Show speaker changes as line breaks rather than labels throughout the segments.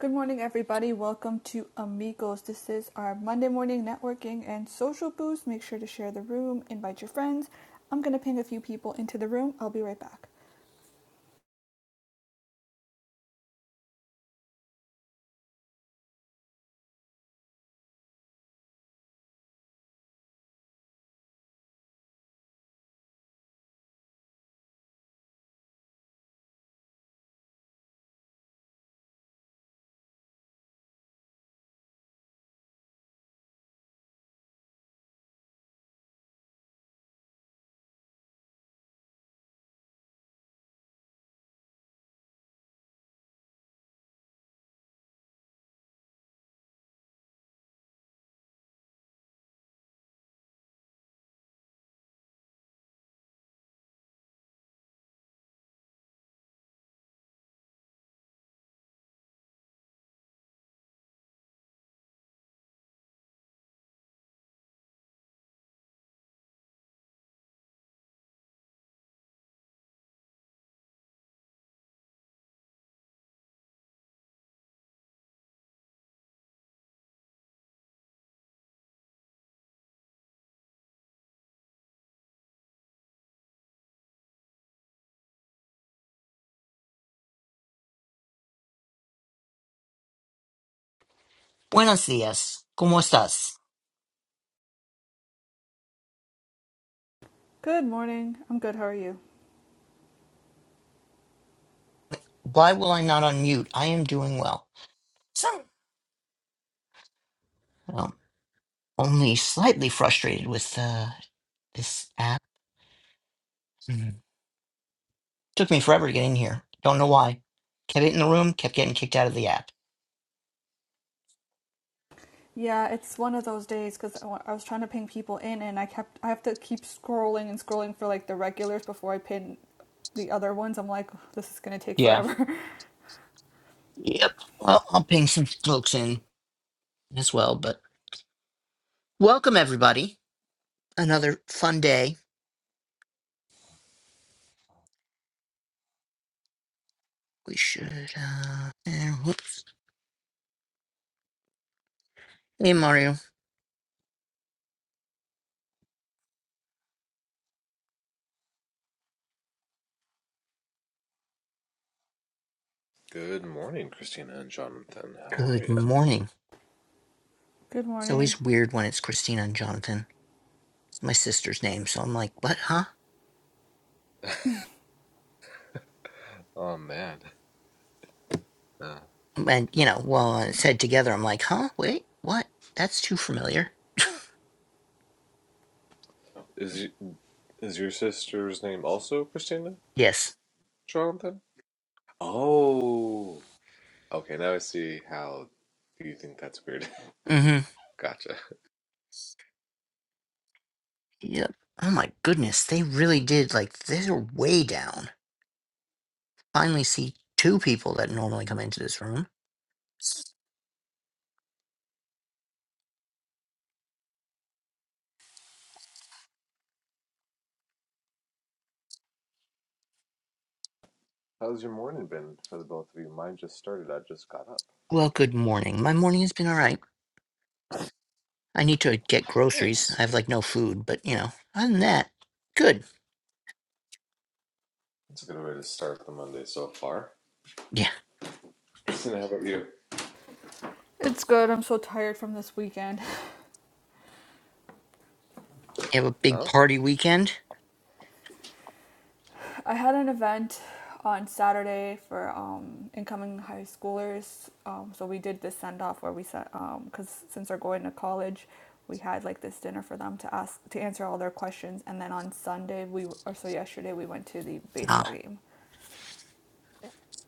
Good morning, everybody. Welcome to Amigos. This is our Monday morning networking and social boost. Make sure to share the room, invite your friends. I'm going to ping a few people into the room. I'll be right back.
Buenos dias. ¿Cómo estás?
Good morning. I'm good. How are you?
Why will I not unmute? I am doing well. Some, well, only slightly frustrated with uh, this app. Mhm. Took me forever to get in here. Don't know why. Kept it in the room, kept getting kicked out of the app.
Yeah, it's one of those days because I was trying to ping people in and I kept, I have to keep scrolling and scrolling for like the regulars before I pin the other ones. I'm like, oh, this is going to take
Yeah.
forever.
Yep. Well, I'll ping some folks in as well, but welcome everybody. Another fun day. We should, uh, eh, whoops. Hey, Mario.
Good morning, Christina and Jonathan. How are
Good
you?
morning.
good
It's
morning.
always weird when it's Christina and Jonathan. It's my sister's name, so I'm like, what, huh?
Oh man, uh,
And, you know, well, uh, said together, I'm like, huh? Wait, what? That's too familiar.
is is your sister's name also Christina,
Yes.
Jonathan? Oh, okay. Now I see how you think that's weird.
Mm-hmm.
gotcha.
Yep. Oh my goodness, they really did. Like, they're way down. Finally, see two people that normally come into this room.
How's your morning been for the both of you? Mine just started. I just got up.
Well, good morning. My morning has been all right. I need to get groceries.
Nice.
I have like no food, but you know, other than that, good.
That's a good way to start the Monday so far.
Yeah.
Christina, how about you?
It's good. I'm so tired from this weekend.
You have a big
Oh,
party weekend?
I had an event on Saturday for um, incoming high schoolers. Um, so we did this send off where we said, um, because since they're going to college, we had like this dinner for them to ask to answer all their questions. And then on Sunday, we or so yesterday, we went to the baseball
Ah.
game.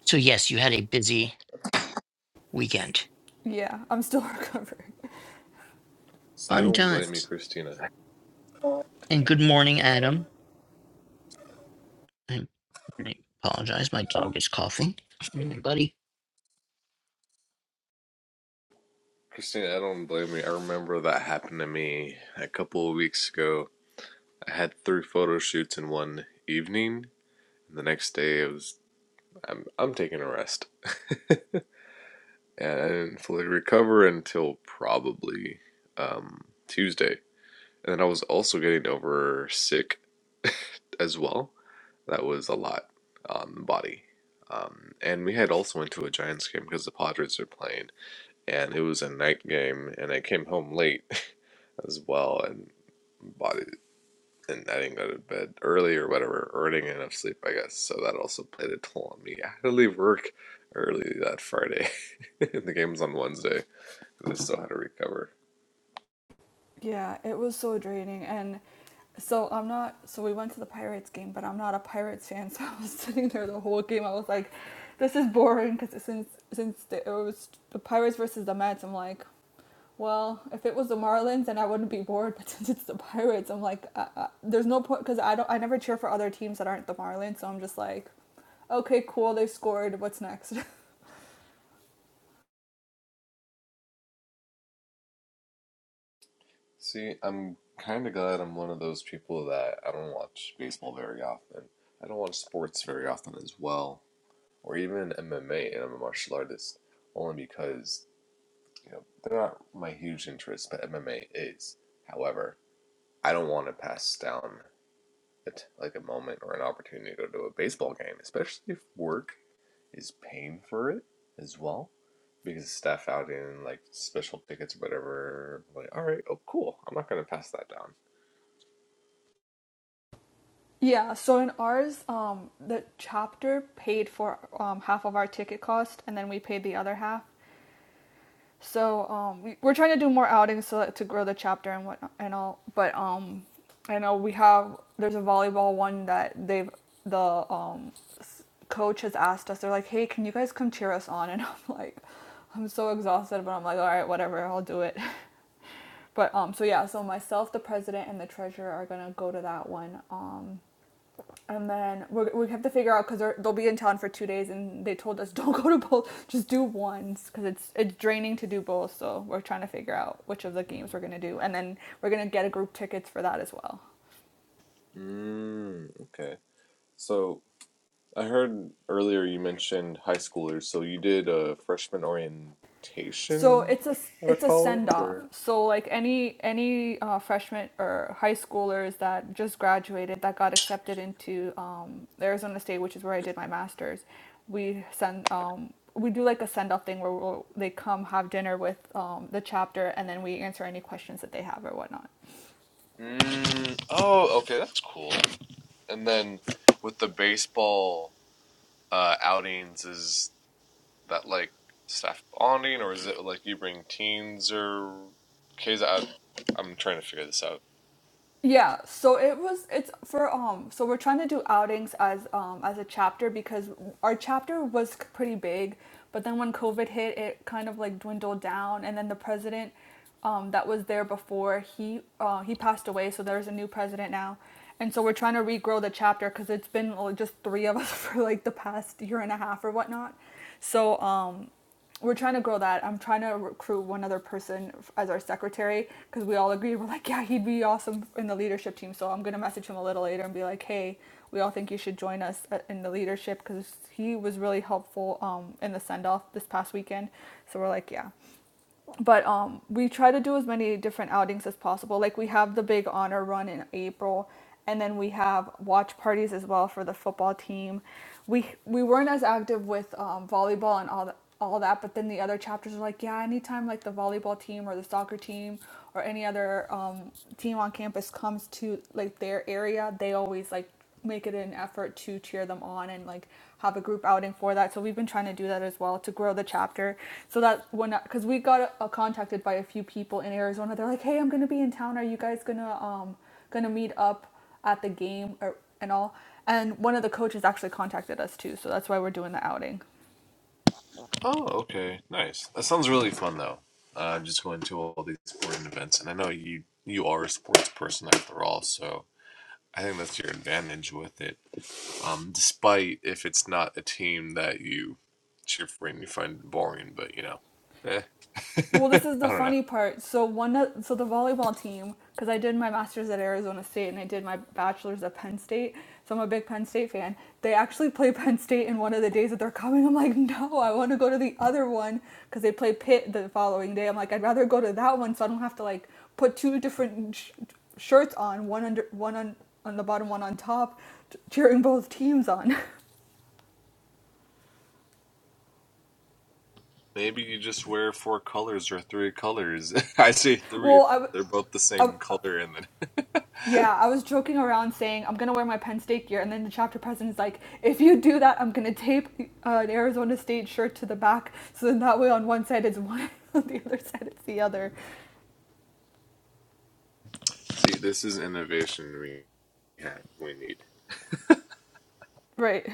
So, yes, you had a busy weekend.
Yeah, I'm still recovering.
I
Fun
don't blame you,
times.
Christina.
And good morning, Adam. I, I apologize. My dog is coughing. Buddy.
Christina, I don't blame you. I remember that happened to me a couple of weeks ago I had three photo shoots in one evening. The next day, it was I'm I'm taking a rest, and I didn't fully recover until probably um, Tuesday. And then I was also getting over sick as well. That was a lot on the body. Um, and we had also went to a Giants game because the Padres were playing, and it was a night game, and I came home late as well, and body and I didn't go to bed early or whatever, or I didn't get enough sleep, I guess. So that also played a toll on me. I had to leave work early that Friday, and the game was on Wednesday because I still had to recover.
Yeah, it was so draining. And so I'm not, so we went to the Pirates game, but I'm not a Pirates fan. So I was sitting there the whole game. I was like, this is boring because since, since the, it was the Pirates versus the Mets, I'm like, well, if it was the Marlins, then I wouldn't be bored. But since it's the Pirates, I'm like, uh, uh, there's no point because I don't, I never cheer for other teams that aren't the Marlins. So I'm just like, okay, cool, they scored. What's next?
See, I'm kind of glad I'm one of those people that I don't watch baseball very often. I don't watch sports very often as well, or even MMA, and I'm a martial artist only because you know they're not my huge interest, but MMA is. However, I don't want to pass down it like a moment or an opportunity to go to a baseball game, especially if work is paying for it as well. Because staff out in like special tickets or whatever, like, all right, oh, cool. I'm not going to pass that down.
Yeah, so in ours, um, the chapter paid for um, half of our ticket cost, and then we paid the other half. So um, we, we're trying to do more outings so that, to grow the chapter and what and all. But um, I know we have there's a volleyball one that they've the um, s- coach has asked us. They're like, "Hey, can you guys come cheer us on?" And I'm like, "I'm so exhausted," but I'm like, "All right, whatever, I'll do it." But um, so yeah, so myself, the president, and the treasurer are gonna go to that one. Um, and then we're, we have to figure out because they'll be in town for two days, and they told us don't go to both, just do ones because it's it's draining to do both. So we're trying to figure out which of the games we're gonna do, and then we're gonna get a group tickets for that as well.
Mm, okay. So I heard earlier you mentioned high schoolers. So you did a freshman
so
orientation
it's a
at a
it's a send
college,
off
or
so like any any uh, freshmen or high schoolers that just graduated that got accepted into um, arizona state which is where i did my master's we send um, we do like a send off thing where we'll, they come have dinner with um, the chapter and then we answer any questions that they have or whatnot
Mm, oh, okay, that's cool. And then with the baseball uh, outings, is that like staff bonding, or is it like you bring teens or kids? I, I'm trying to figure this out.
Yeah, so it was it's for um so we're trying to do outings as um as a chapter because our chapter was c- pretty big, but then when COVID hit, it kind of like dwindled down and then the president um that was there before, he uh he passed away, so there's a new president now. And so we're trying to regrow the chapter cuz it's been like, just 3 of us for like the past year and a half or whatnot. So um we're trying to grow that. I'm trying to recruit one other person as our secretary because we all agreed we're like, yeah, he'd be awesome in the leadership team. So I'm gonna message him a little later and be like, hey, we all think you should join us uh, in the leadership because he was really helpful um, in the send off this past weekend. So we're like, yeah but um, we try to do as many different outings as possible. Like we have the big honor run in April, and then we have watch parties as well for the football team. We we weren't as active with um, volleyball and all the, all that, but then the other chapters are like, yeah, anytime like the volleyball team or the soccer team or any other um, team on campus comes to like their area, they always like make it an effort to cheer them on and like have a group outing for that. So we've been trying to do that as well to grow the chapter. So that when because we got uh, contacted by a few people in Arizona, they're like, "Hey, I'm gonna be in town. Are you guys gonna um gonna meet up at the game or and all?" And one of the coaches actually contacted us too, so that's why we're doing the outing.
Oh, okay, nice. That sounds really fun though. Uh, just going to all these sporting events, and I know you you are a sports person after all, so I think that's your advantage with it. Um, despite if it's not a team that you cheer for and you find boring, but you know, eh.
Well, this is
I
the
don't know.
funny part. So one, so the volleyball team, because I did my master's at Arizona State and I did my bachelor's at Penn State, so I'm a big Penn State fan. They actually play Penn State in one of the days that they're coming. I'm like, no, I want to go to the other one because they play Pitt the following day. I'm like, I'd rather go to that one so I don't have to like put two different sh- shirts on, one under, one on on the bottom, one on top, t- cheering both teams on.
Maybe you just wear four colors or three colors. I say three if
well, i I, w-
they're both the
I
same color, and then
Yeah, I was joking around saying I'm gonna wear my Penn State gear, and then the chapter president's like, "If you do that, I'm gonna tape uh, an Arizona State shirt to the back, so then that way on one side it's one, on the other side it's the other."
see, this is innovation we have we need.
Right.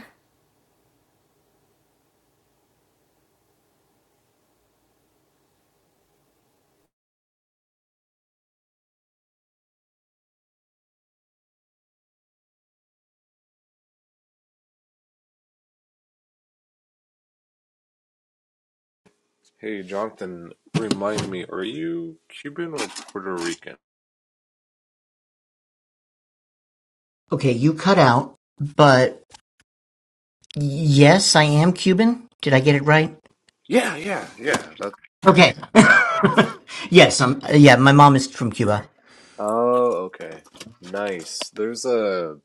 Hey, Jonathan, remind me, are you Cuban or Puerto Rican?
Okay, you cut out, but yes, I am Cuban. Did I get it right?
Yeah, yeah, yeah. That's...
Okay. yes, I'm. Yeah, my mom is from Cuba.
Oh, okay, nice. There's a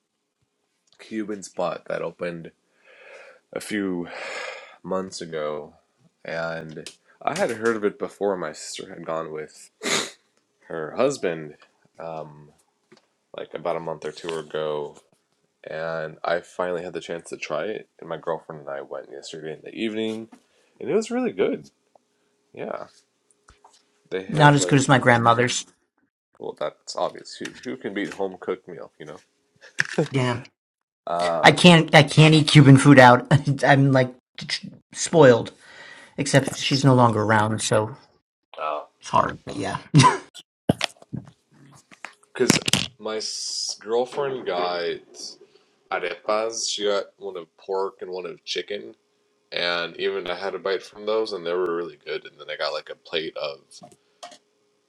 Cuban spot that opened a few months ago, and I had heard of it before. My sister had gone with her husband. Um, like about a month or two ago, and I finally had the chance to try it. And my girlfriend and I went yesterday in the evening, and it was really good. Yeah, they
Not
had
as
like,
good as my grandmother's.
well, that's obvious. Who, who can beat home cooked meal, you know?
Yeah, I
Um,
can't. I can't eat Cuban food out. I'm like spoiled. Except she's no longer around, so it's hard. But yeah,
because my s- girlfriend got arepas. She got one of pork and one of chicken, and even I had a bite from those, and they were really good. And then I got like a plate of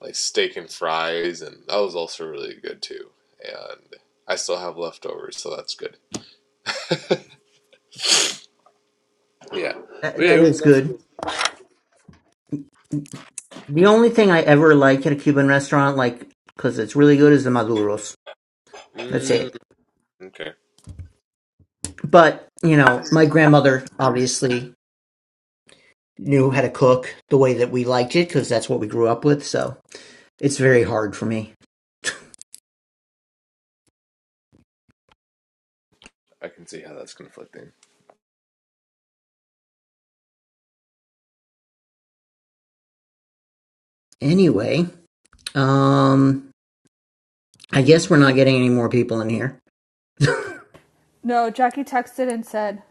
like steak and fries, and that was also really good too. And I still have leftovers, so that's good. Yeah, but
that,
yeah, it
that
was a
is
nice
good.
little.
The only thing I ever like at a Cuban restaurant, like because it's really good, is the maduros. That's it.
Mm, okay,
But, you know, my grandmother obviously knew how to cook the way that we liked it because that's what we grew up with. So it's very hard for me.
I can see how that's conflicting.
Anyway, um, I guess we're not getting any more people in here.
No, Jackie texted and said,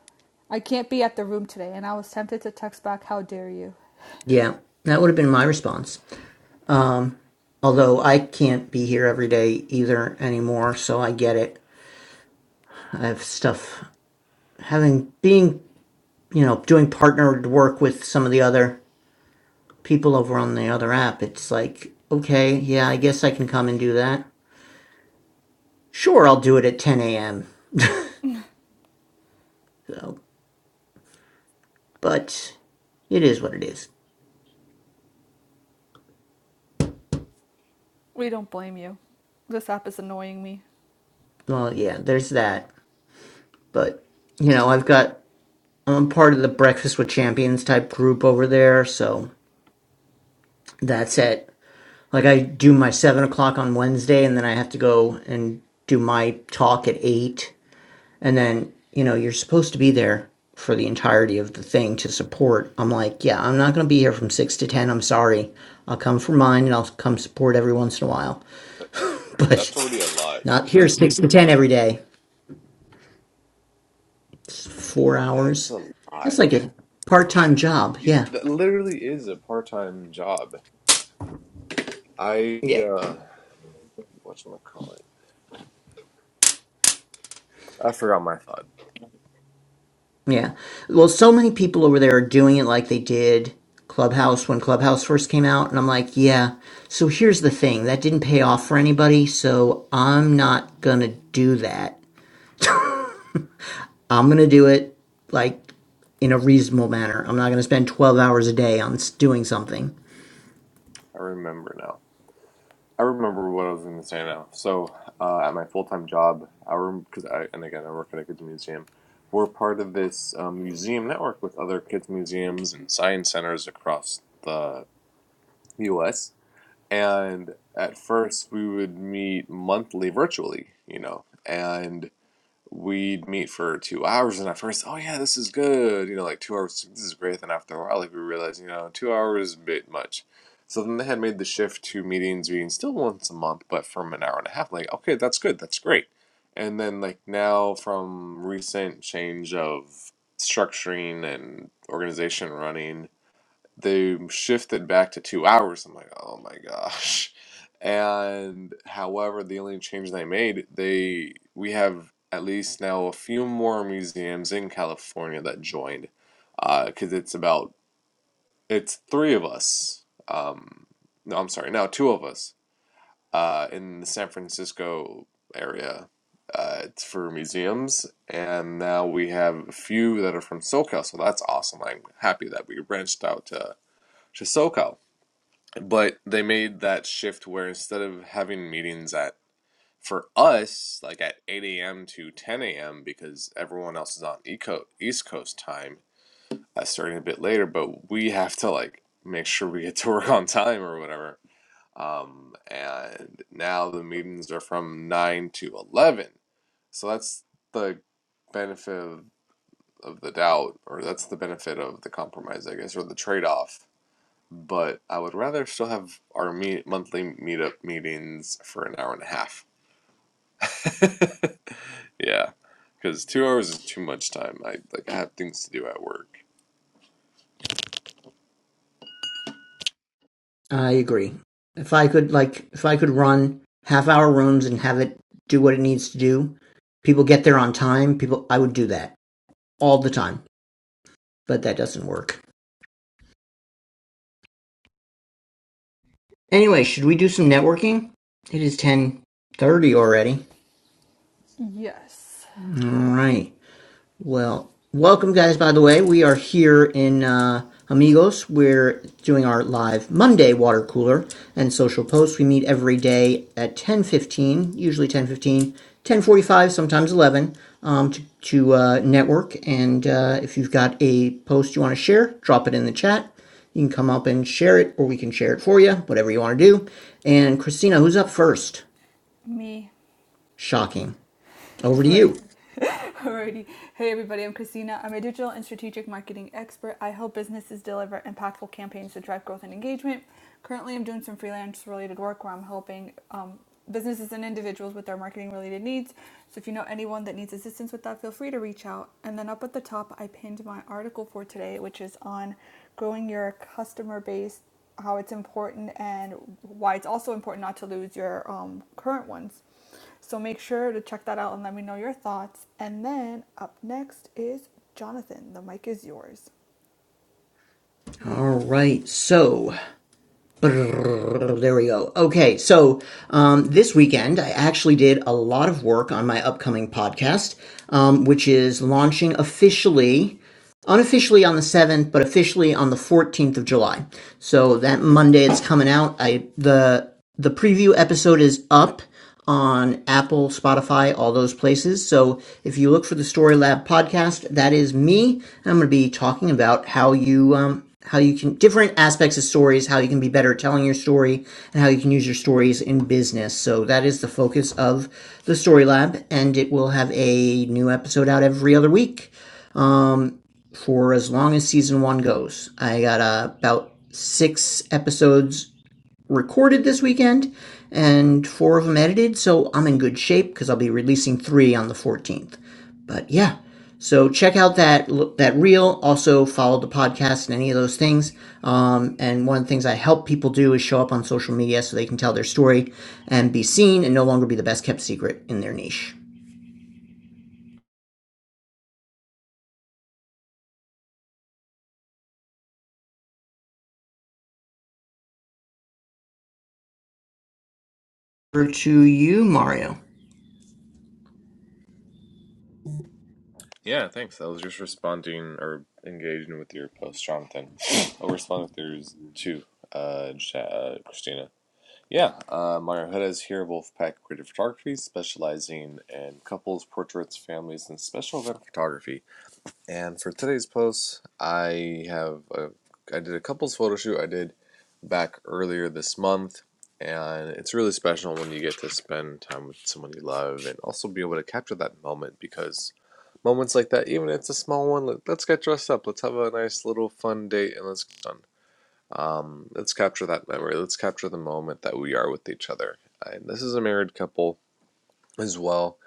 "I can't be at the room today," and I was tempted to text back, "How dare you?"
Yeah, that would have been my response. Um, although I can't be here every day either anymore, so I get it. I have stuff having being you know doing partnered work with some of the other people over on the other app. It's like okay, yeah, I guess I can come and do that. Sure, I'll do it at 10 a.m. So, but it is what it is.
We don't blame you. This app is annoying me.
Well, yeah, there's that. But you know, I've got I'm part of the Breakfast with Champions type group over there, so that's it. Like I do my seven o'clock on Wednesday, and then I have to go and do my talk at eight, and then you know you're supposed to be there for the entirety of the thing to support. I'm like, yeah, I'm not going to be here from six to ten. I'm sorry. I'll come for mine and I'll come support every once in a while,
That-
but
That's already a lot.
Not here, six to ten every day. It's four
That's
hours.
a lot.
That's like a part-time job.
You,
Yeah,
that literally is a part-time job. I
Yeah.
uh, whatchamacallit? I forgot my thought.
yeah. Well, so many people over there are doing it like they did Clubhouse when Clubhouse first came out, and I'm like, yeah. So here's the thing that didn't pay off for anybody, so I'm not gonna do that. I'm gonna do it like in a reasonable manner. I'm not gonna spend twelve hours a day on s- doing something.
I remember now. I remember what I was going to say now. So, uh, at my full time job, I because I and again I work at a kids museum. We're part of this um, museum network with other kids museums and science centers across the U.S. And at first, we would meet monthly virtually, you know, and we'd meet for two hours and at first oh yeah this is good you know like two hours this is great then after a while like we realized you know two hours is a bit much so then they had made the shift to meetings being still once a month but from an hour and a half like okay that's good that's great and then like now from recent change of structuring and organization running they shifted back to two hours. I'm like, oh my gosh. And however, the only change they made, they we have at least now a few more museums in California that joined, because uh, it's about it's three of us. Um, no, I'm sorry, now two of us uh, in the San Francisco area. Uh, it's for museums, and now we have a few that are from SoCal, so that's awesome. I'm happy that we branched out to to SoCal but they made that shift where instead of having meetings at for us like at 8 a.m to 10 a.m because everyone else is on eco east coast time uh, starting a bit later but we have to like make sure we get to work on time or whatever um, and now the meetings are from 9 to 11 so that's the benefit of, of the doubt or that's the benefit of the compromise i guess or the trade-off but I would rather still have our meet, monthly meetup meetings for an hour and a half. Yeah, because two hours is too much time. I like I have things to do at work.
I agree. If I could like if I could run half hour runs and have it do what it needs to do, people get there on time, people I would do that all the time. But that doesn't work. Anyway, should we do some networking? It is 10:30 already.
Yes,
All right. Well, welcome, guys. By the way, we are here in uh, Amigos. We're doing our live Monday water cooler and social posts. We meet every day at ten fifteen, usually ten fifteen, ten forty five, sometimes eleven, um, to, to uh, network. And uh, if you've got a post you want to share, drop it in the chat. You can come up and share it, or we can share it for you, whatever you want to do. And Christina, who's up first?
me.
Shocking. Over to
Right.
you.
Alrighty. Hey, everybody, I'm Christina. I'm a digital and strategic marketing expert. I help businesses deliver impactful campaigns to drive growth and engagement. Currently, I'm doing some freelance related work where I'm helping um, businesses and individuals with their marketing related needs. So if you know anyone that needs assistance with that, feel free to reach out. And then up at the top, I pinned my article for today, which is on growing your customer base, how it's important, and why it's also important not to lose your um, current ones. So make sure to check that out and let me know your thoughts. And then up next is Jonathan. The mic is yours.
All right. So. There we go. Okay, so um, this weekend I actually did a lot of work on my upcoming podcast, um, which is launching officially unofficially on the 7th but officially on the 14th of july so that monday it's coming out i the the preview episode is up on apple spotify all those places so if you look for the story lab podcast that is me i'm going to be talking about how you um, how you can different aspects of stories how you can be better at telling your story and how you can use your stories in business so that is the focus of the story lab and it will have a new episode out every other week Um, for as long as season one goes. I got uh, about six episodes recorded this weekend and four of them edited, so I'm in good shape because I'll be releasing three on the 14th. But yeah, so check out that that reel. Also follow the podcast and any of those things. Um, and one of the things I help people do is show up on social media so they can tell their story and be seen and no longer be the best kept secret in their niche. Over to you, Mario.
Yeah, thanks. I was just responding or engaging with your post, Jonathan. I'll respond if there's two, uh, Ja- uh, Christina. Yeah, uh, Mario Hudas here, Wolfpack Creative Photography, specializing in couples, portraits, families, and special event photography. And for today's post, I have a, I did a couples photo shoot I did back earlier this month, and it's really special when you get to spend time with someone you love and also be able to capture that moment because moments like that, even if it's a small one, let, us get dressed up, let's have a nice little fun date, and let's get done. Um, let's capture that memory. Let's capture the moment that we are with each other. And this is a married couple as well.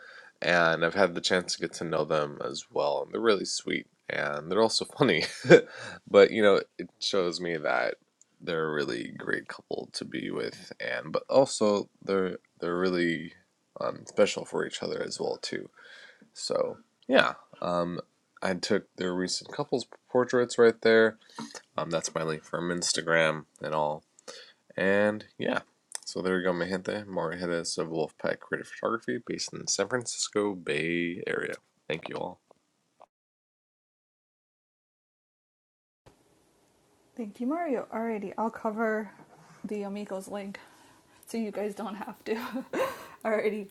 And I've had the chance to get to know them as well. And they're really sweet and they're also funny. but, you know, it shows me that they're a really great couple to be with and but also they're they're really um, special for each other as well too. So yeah. Um I took their recent couples portraits right there. Um that's my link from Instagram and all. And yeah, so there you go, mi gente. Mario Hedes of Wolfpack Creative Photography, based in the San Francisco Bay Area. Thank you
Thank you, Mario. Alrighty, I'll cover the Amigos link so you guys don't have to. Alrighty.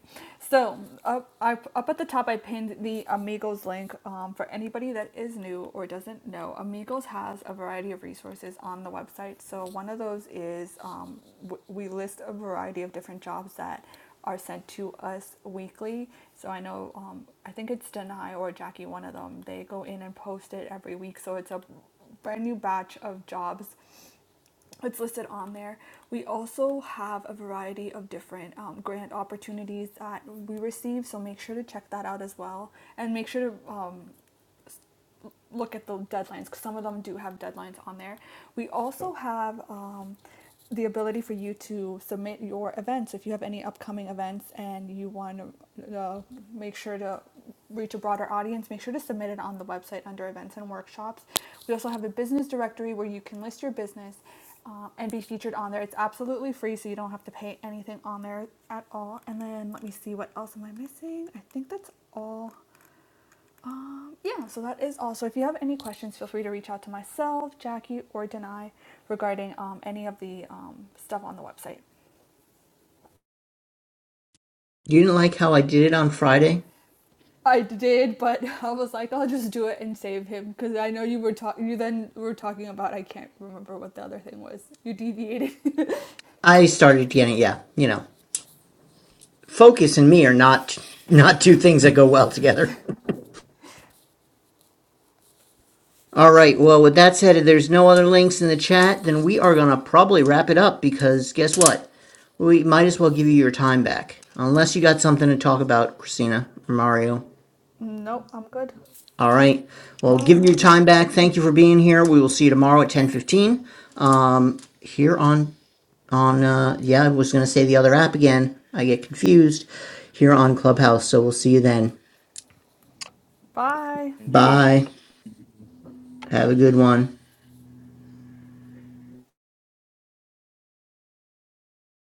So up, I, up at the top, I pinned the Amigos link um, for anybody that is new or doesn't know. Amigos has a variety of resources on the website. So one of those is um, w- we list a variety of different jobs that are sent to us weekly. So I know, um, I think it's Denai or Jackie, one of them. They go in and post it every week. So it's a brand new batch of jobs. that's listed on there. We also have a variety of different um, grant opportunities that we receive, so make sure to check that out as well. And make sure to um, look at the deadlines because some of them do have deadlines on there. We also have um, the ability for you to submit your events if you have any upcoming events and you want to uh, make sure to reach a broader audience make sure to submit it on the website under events and workshops we also have a business directory where you can list your business uh, and be featured on there it's absolutely free so you don't have to pay anything on there at all and then let me see what else am i missing i think that's all um, yeah, so that is all. So if you have any questions, feel free to reach out to myself, Jackie, or Denai regarding um, any of the um, stuff on the website.
You didn't like how I did it on Friday?
I did, but I was like, I'll just do it and save him because I know you were talking. You then were talking about I can't remember what the other thing was. You deviated.
I started getting yeah, you know, focus and me are not not two things that go well together. All right. Well, with that said, if there's no other links in the chat, then we are gonna probably wrap it up because guess what? We might as well give you your time back, unless you got something to talk about, Christina or Mario.
nope, I'm good.
All right. Well, give your time back. Thank you for being here. We will see you tomorrow at ten fifteen here on on uh yeah I was gonna say the other app again. I get confused here on Clubhouse. So we'll see you then.
Bye.
all.
Bye. Have a good one.